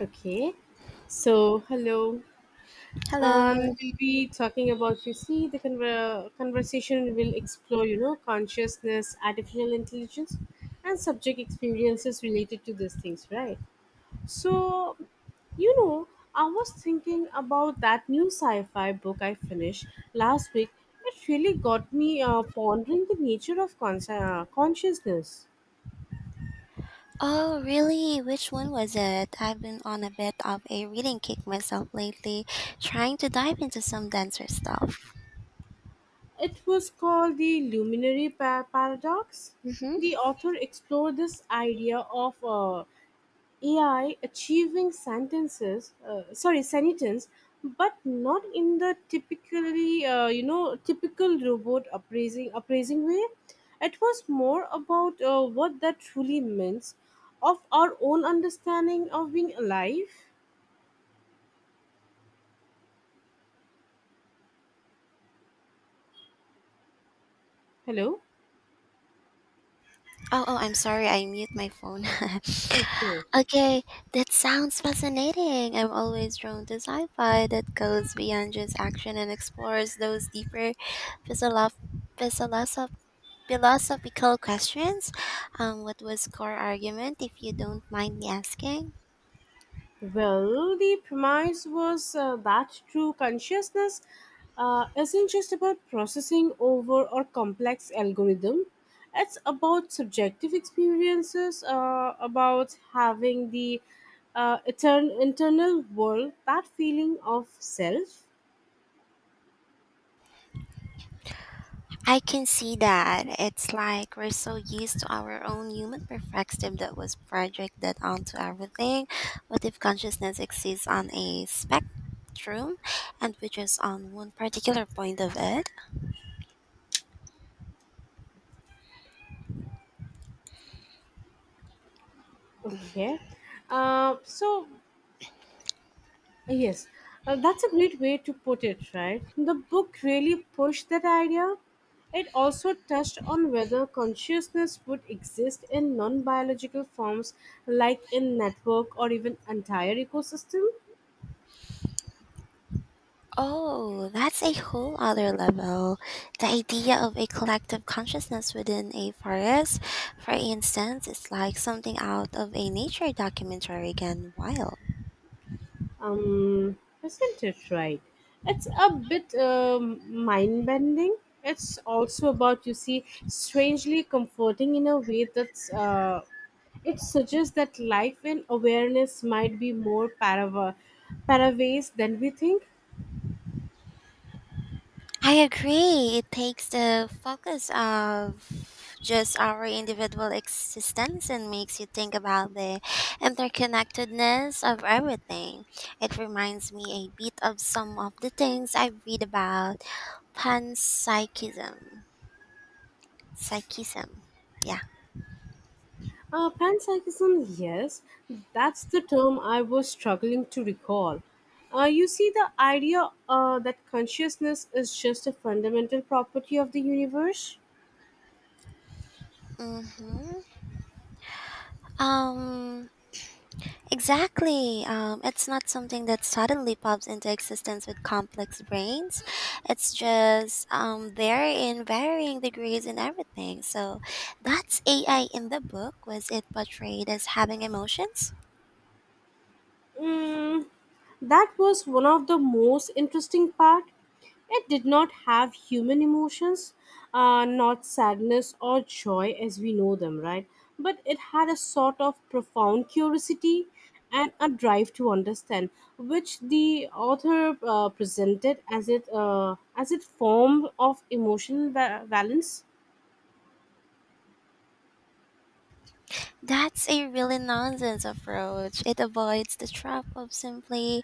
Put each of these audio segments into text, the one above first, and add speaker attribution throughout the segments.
Speaker 1: Okay, so hello.
Speaker 2: Hello.
Speaker 1: We'll be talking about. Conversation will explore consciousness, artificial intelligence, and subject experiences related to these things, right? So, you know, I was thinking about that new sci-fi book I finished last week. It really got me pondering the nature of consciousness.
Speaker 2: Oh, really? Which one was it? I've been on a bit of a reading kick myself lately, trying to dive into some denser stuff.
Speaker 1: It was called the Luminary Paradox.
Speaker 2: Mm-hmm.
Speaker 1: The author explored this idea of AI achieving sentences, sorry, sentence, but not in the typically, typical robot appraising way. It was more about what that truly means of our own understanding of being alive. Hello.
Speaker 2: Oh, I'm sorry. I mute my phone.
Speaker 1: Okay.
Speaker 2: Okay, that sounds fascinating. I'm always drawn to sci-fi that goes beyond just action and explores those deeper philosoph- philosoph- philosophical questions. What was core argument, if you don't mind me asking?
Speaker 1: Well, the premise was that true consciousness isn't just about processing over or complex algorithm. It's about subjective experiences, about having the internal world, that feeling of self.
Speaker 2: I can see that. It's like we're so used to our own human perfectionism that was projected onto everything. What if consciousness exists on a spectrum and we're just on one particular point of it?
Speaker 1: Okay. So yes, that's a great way to put it, right? The book really pushed that idea. It also touched on whether consciousness would exist in non biological forms like in network or even entire ecosystem.
Speaker 2: Oh, that's a whole other level. The idea of a collective consciousness within a forest, for instance, is like something out of a nature documentary again. Wild.
Speaker 1: Um, isn't it right? It's a bit mind bending. It's also about, you see, strangely comforting in a way that's. It suggests that life and awareness might be more paravase than we think.
Speaker 2: I agree. It takes the focus of just our individual existence and makes you think about the interconnectedness of everything. It reminds me a bit of some of the things I read about panpsychism. Psychism. Yeah.
Speaker 1: Panpsychism, yes, that's the term I was struggling to recall. You see, the idea that consciousness is just a fundamental property of the universe?
Speaker 2: Mm-hmm. Um Exactly. It's not something that suddenly pops into existence with complex brains. It's just there in varying degrees in everything. So that's AI in the book. Was it portrayed as having emotions?
Speaker 1: Mm, That was one of the most interesting part. It did not have human emotions, not sadness or joy as we know them, right? But it had a sort of profound curiosity and a drive to understand, which the author presented as it form of emotional balance.
Speaker 2: That's a really nonsense approach. It avoids the trap of simply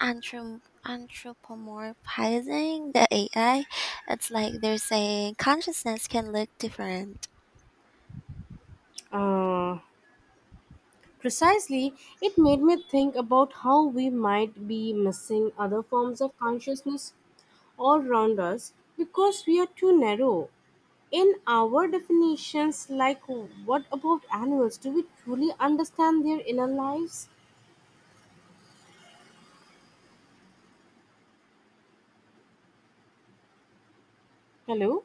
Speaker 2: anthropomorphizing the AI. It's like they're saying consciousness can look different.
Speaker 1: Uh, Precisely, it made me think about how we might be missing other forms of consciousness all round us, because we're too narrow in our definitions. Like, what about animals? Do we truly understand their inner lives? Hello.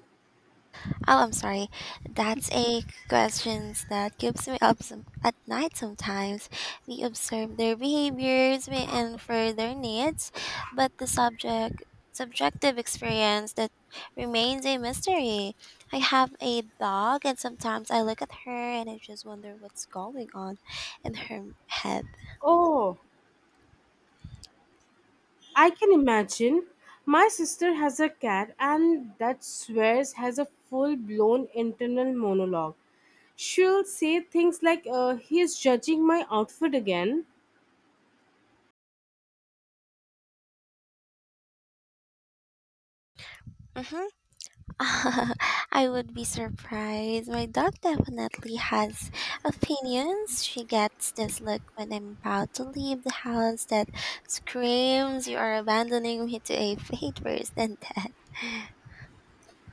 Speaker 2: Oh, I'm sorry. That's a question that keeps me up some, at night sometimes. We observe their behaviors, we infer their needs, but the subjective experience that remains a mystery. I have a dog and sometimes I look at her and I just wonder what's going on in her head.
Speaker 1: Oh, I can imagine. My sister has a cat and that swears has a full-blown internal monologue. She'll say things like, he is judging my outfit again.
Speaker 2: Mhm. I would be surprised. My dog definitely has opinions. She gets this look when I'm about to leave the house that screams, "You are abandoning me to a fate worse than death."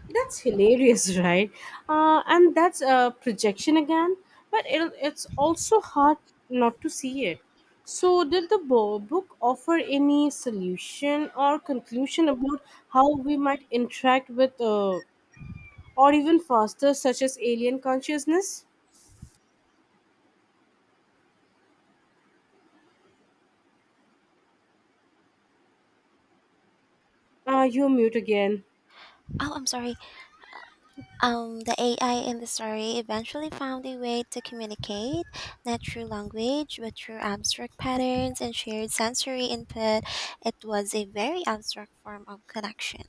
Speaker 1: That's hilarious, right? And that's projection again, but it's also hard not to see it. So, did the book offer any solution or conclusion about how we might interact with, or even faster, such as alien consciousness? You're mute again.
Speaker 2: Oh, I'm sorry. The AI in the story eventually found a way to communicate, not through language, but through abstract patterns and shared sensory input. It was a very abstract form of connection.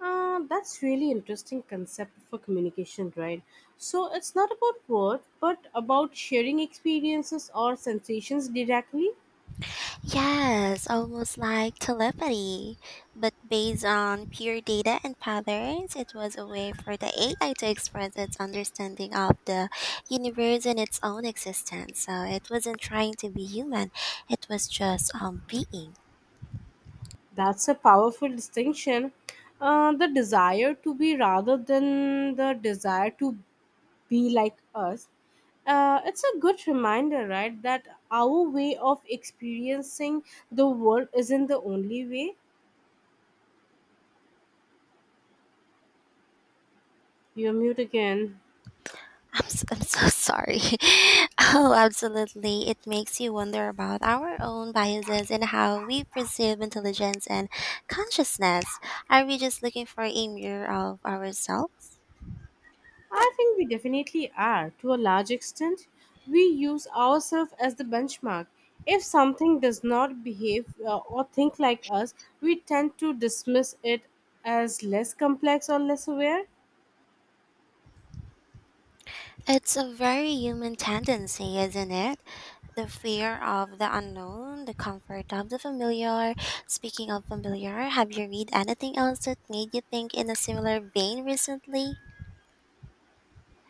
Speaker 1: That's really interesting concept for communication, right? So it's not about words, but about sharing experiences or sensations directly.
Speaker 2: Yes, almost like telepathy. But based on pure data and patterns, it was a way for the AI to express its understanding of the universe and its own existence. So it wasn't trying to be human, it was just being.
Speaker 1: That's a powerful distinction. The desire to be rather than the desire to be like us. It's a good reminder, right, that our way of experiencing the world isn't the only way. You're mute again.
Speaker 2: I'm so sorry. Oh, absolutely. It makes you wonder about our own biases and how we perceive intelligence and consciousness. Are we just looking for a mirror of ourselves?
Speaker 1: I think we definitely are. To a large extent, we use ourselves as the benchmark. If something does not behave or think like us, we tend to dismiss it as less complex or less aware.
Speaker 2: It's a very human tendency, isn't it? The fear of the unknown, the comfort of the familiar. Speaking of familiar, have you read anything else that made you think in a similar vein recently?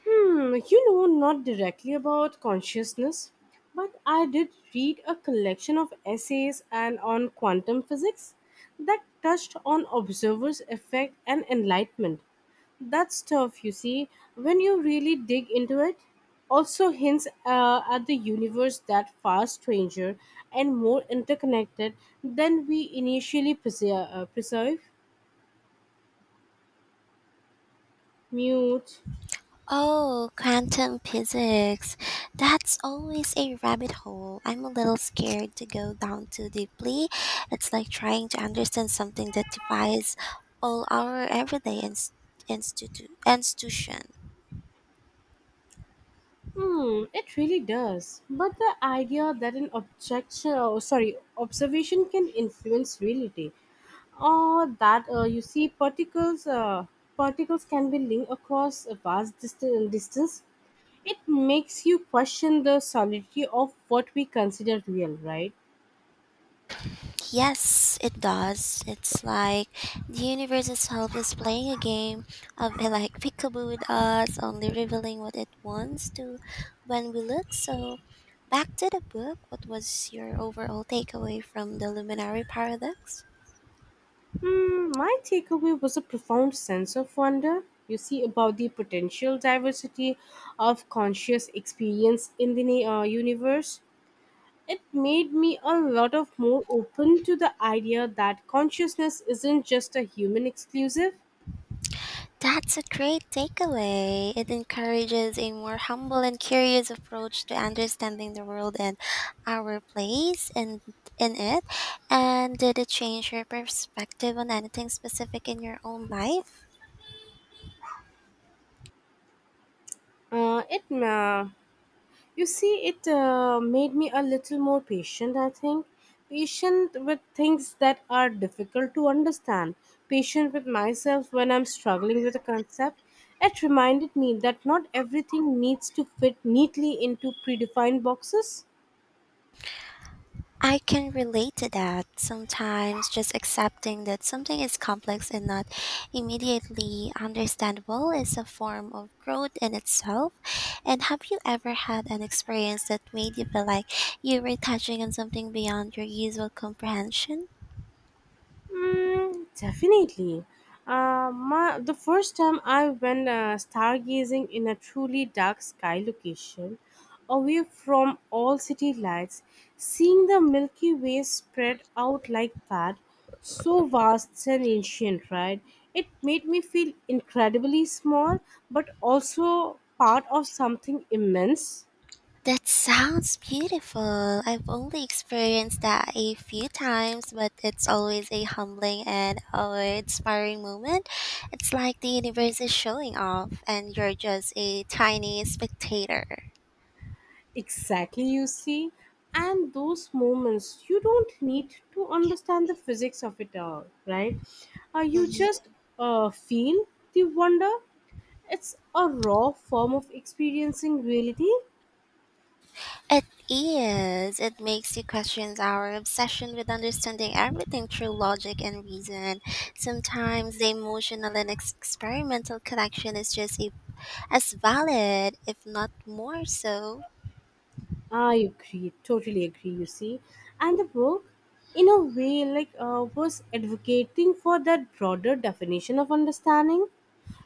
Speaker 1: Hmm, you know, not directly about consciousness, but I did read a collection of essays and on quantum physics that touched on observers' effect and enlightenment. That stuff, you see, when you really dig into it, also hints at the universe that far stranger and more interconnected than we initially perceive. Mute.
Speaker 2: Oh, quantum physics. That's always a rabbit hole. I'm a little scared to go down too deeply. It's like trying to understand something that defies all our everyday institution.
Speaker 1: Hmm, it really does. But the idea that an objection, oh, sorry, observation can influence reality, or that you see particles can be linked across a vast distance, it makes you question the solidity of what we consider real, right?
Speaker 2: Yes, it does. It's like the universe itself is playing a game of like peekaboo with us, only revealing what it wants to when we look. So, back to the book. What was your overall takeaway from the Luminary Paradox?
Speaker 1: Hmm, my takeaway was a profound sense of wonder. You see about the potential diversity of conscious experience in the universe. It made me a lot of more open to the idea that consciousness isn't just a human exclusive.
Speaker 2: That's a great takeaway. It encourages a more humble and curious approach to understanding the world and our place in it. And did it change your perspective on anything specific in your own life?
Speaker 1: Uh, it, uh, you see, it made me a little more patient. I think patient with things that are difficult to understand, patient with myself when I'm struggling with a concept. It reminded me that not everything needs to fit neatly into predefined boxes.
Speaker 2: I can relate to that. Sometimes just accepting that something is complex and not immediately understandable is a form of growth in itself. And have you ever had an experience that made you feel like you were touching on something beyond your usual comprehension?
Speaker 1: Mm, definitely. The first time I went stargazing in a truly dark sky location, away from all city lights, seeing the Milky Way spread out like that, so vast and ancient, right? It made me feel incredibly small, but also part of something immense.
Speaker 2: That sounds beautiful. I've only experienced that a few times, but it's always a humbling and awe-inspiring moment. It's like the universe is showing off, and you're just a tiny spectator.
Speaker 1: Exactly, you see. And those moments, you don't need to understand the physics of it all, right? You
Speaker 2: Mhm.
Speaker 1: just feel the wonder. It's a raw form of experiencing reality.
Speaker 2: It is. It makes you question our obsession with understanding everything through logic and reason. Sometimes the emotional and experimental connection is just as valid, if not more so.
Speaker 1: I agree, totally agree, you see. And the book, in a way, like was advocating for that broader definition of understanding,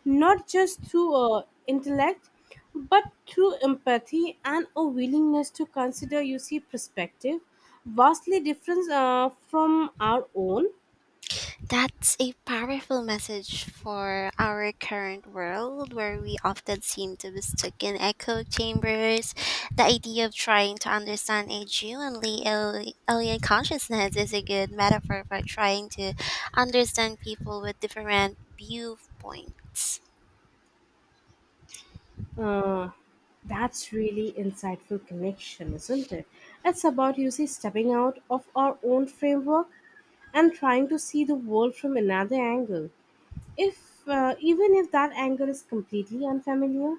Speaker 1: not just through intellect, but through empathy and a willingness to consider, you see, perspective vastly different from our own.
Speaker 2: That's a powerful message for our current world where we often seem to be stuck in echo chambers. The idea of trying to understand a genuinely alien consciousness is a good metaphor for trying to understand people with different viewpoints.
Speaker 1: Uh, that's really insightful connection, isn't it? It's about you see stepping out of our own framework and trying to see the world from another angle if even if that angle is completely unfamiliar.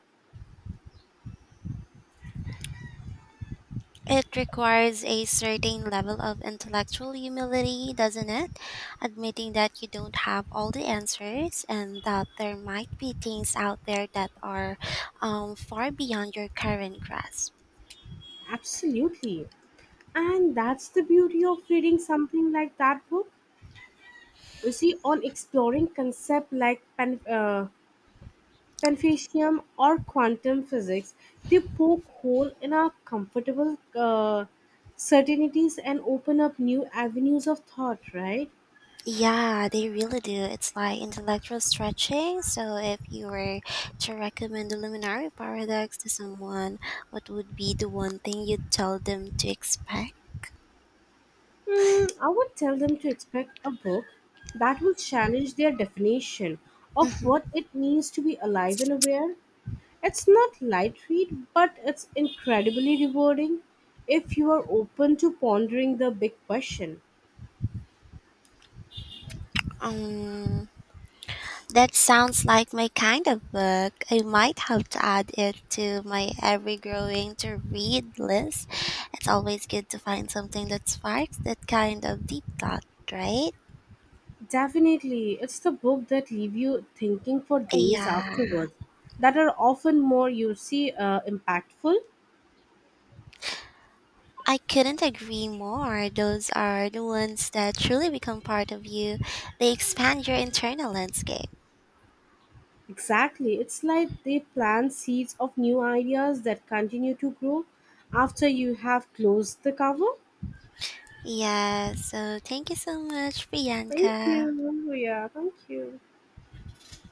Speaker 2: It requires a certain level of intellectual humility, doesn't it? Admitting that you don't have all the answers and that there might be things out there that are far beyond your current grasp.
Speaker 1: Absolutely, and that's the beauty of reading something like that book, you see, on exploring concepts like panpsychism or quantum physics. They poke hole in our comfortable certainties and open up new avenues of thought, right?
Speaker 2: Yeah, they really do. It's like intellectual stretching. So, if you were to recommend the Luminary Paradox to someone, what would be the one thing you'd tell them to expect?
Speaker 1: Hmm, I would tell them to expect a book that will challenge their definition of what
Speaker 2: Mhm.
Speaker 1: it means to be alive and aware. It's not light read, but it's incredibly rewarding if you are open to pondering the big question.
Speaker 2: Um, That sounds like my kind of book. I might have to add it to my ever growing to read list. It's always good to find something that sparks that kind of deep thought, right?
Speaker 1: Definitely, it's the book that leave you thinking for days
Speaker 2: Yeah,
Speaker 1: afterwards that are often more impactful.
Speaker 2: I couldn't agree more. Those are the ones that truly become part of you. They expand your internal landscape.
Speaker 1: Exactly. It's like they plant seeds of new ideas that continue to grow after you have closed the cover.
Speaker 2: Yeah, so thank you so much,
Speaker 1: Thank
Speaker 2: Priyanka.
Speaker 1: you. Yeah, thank you.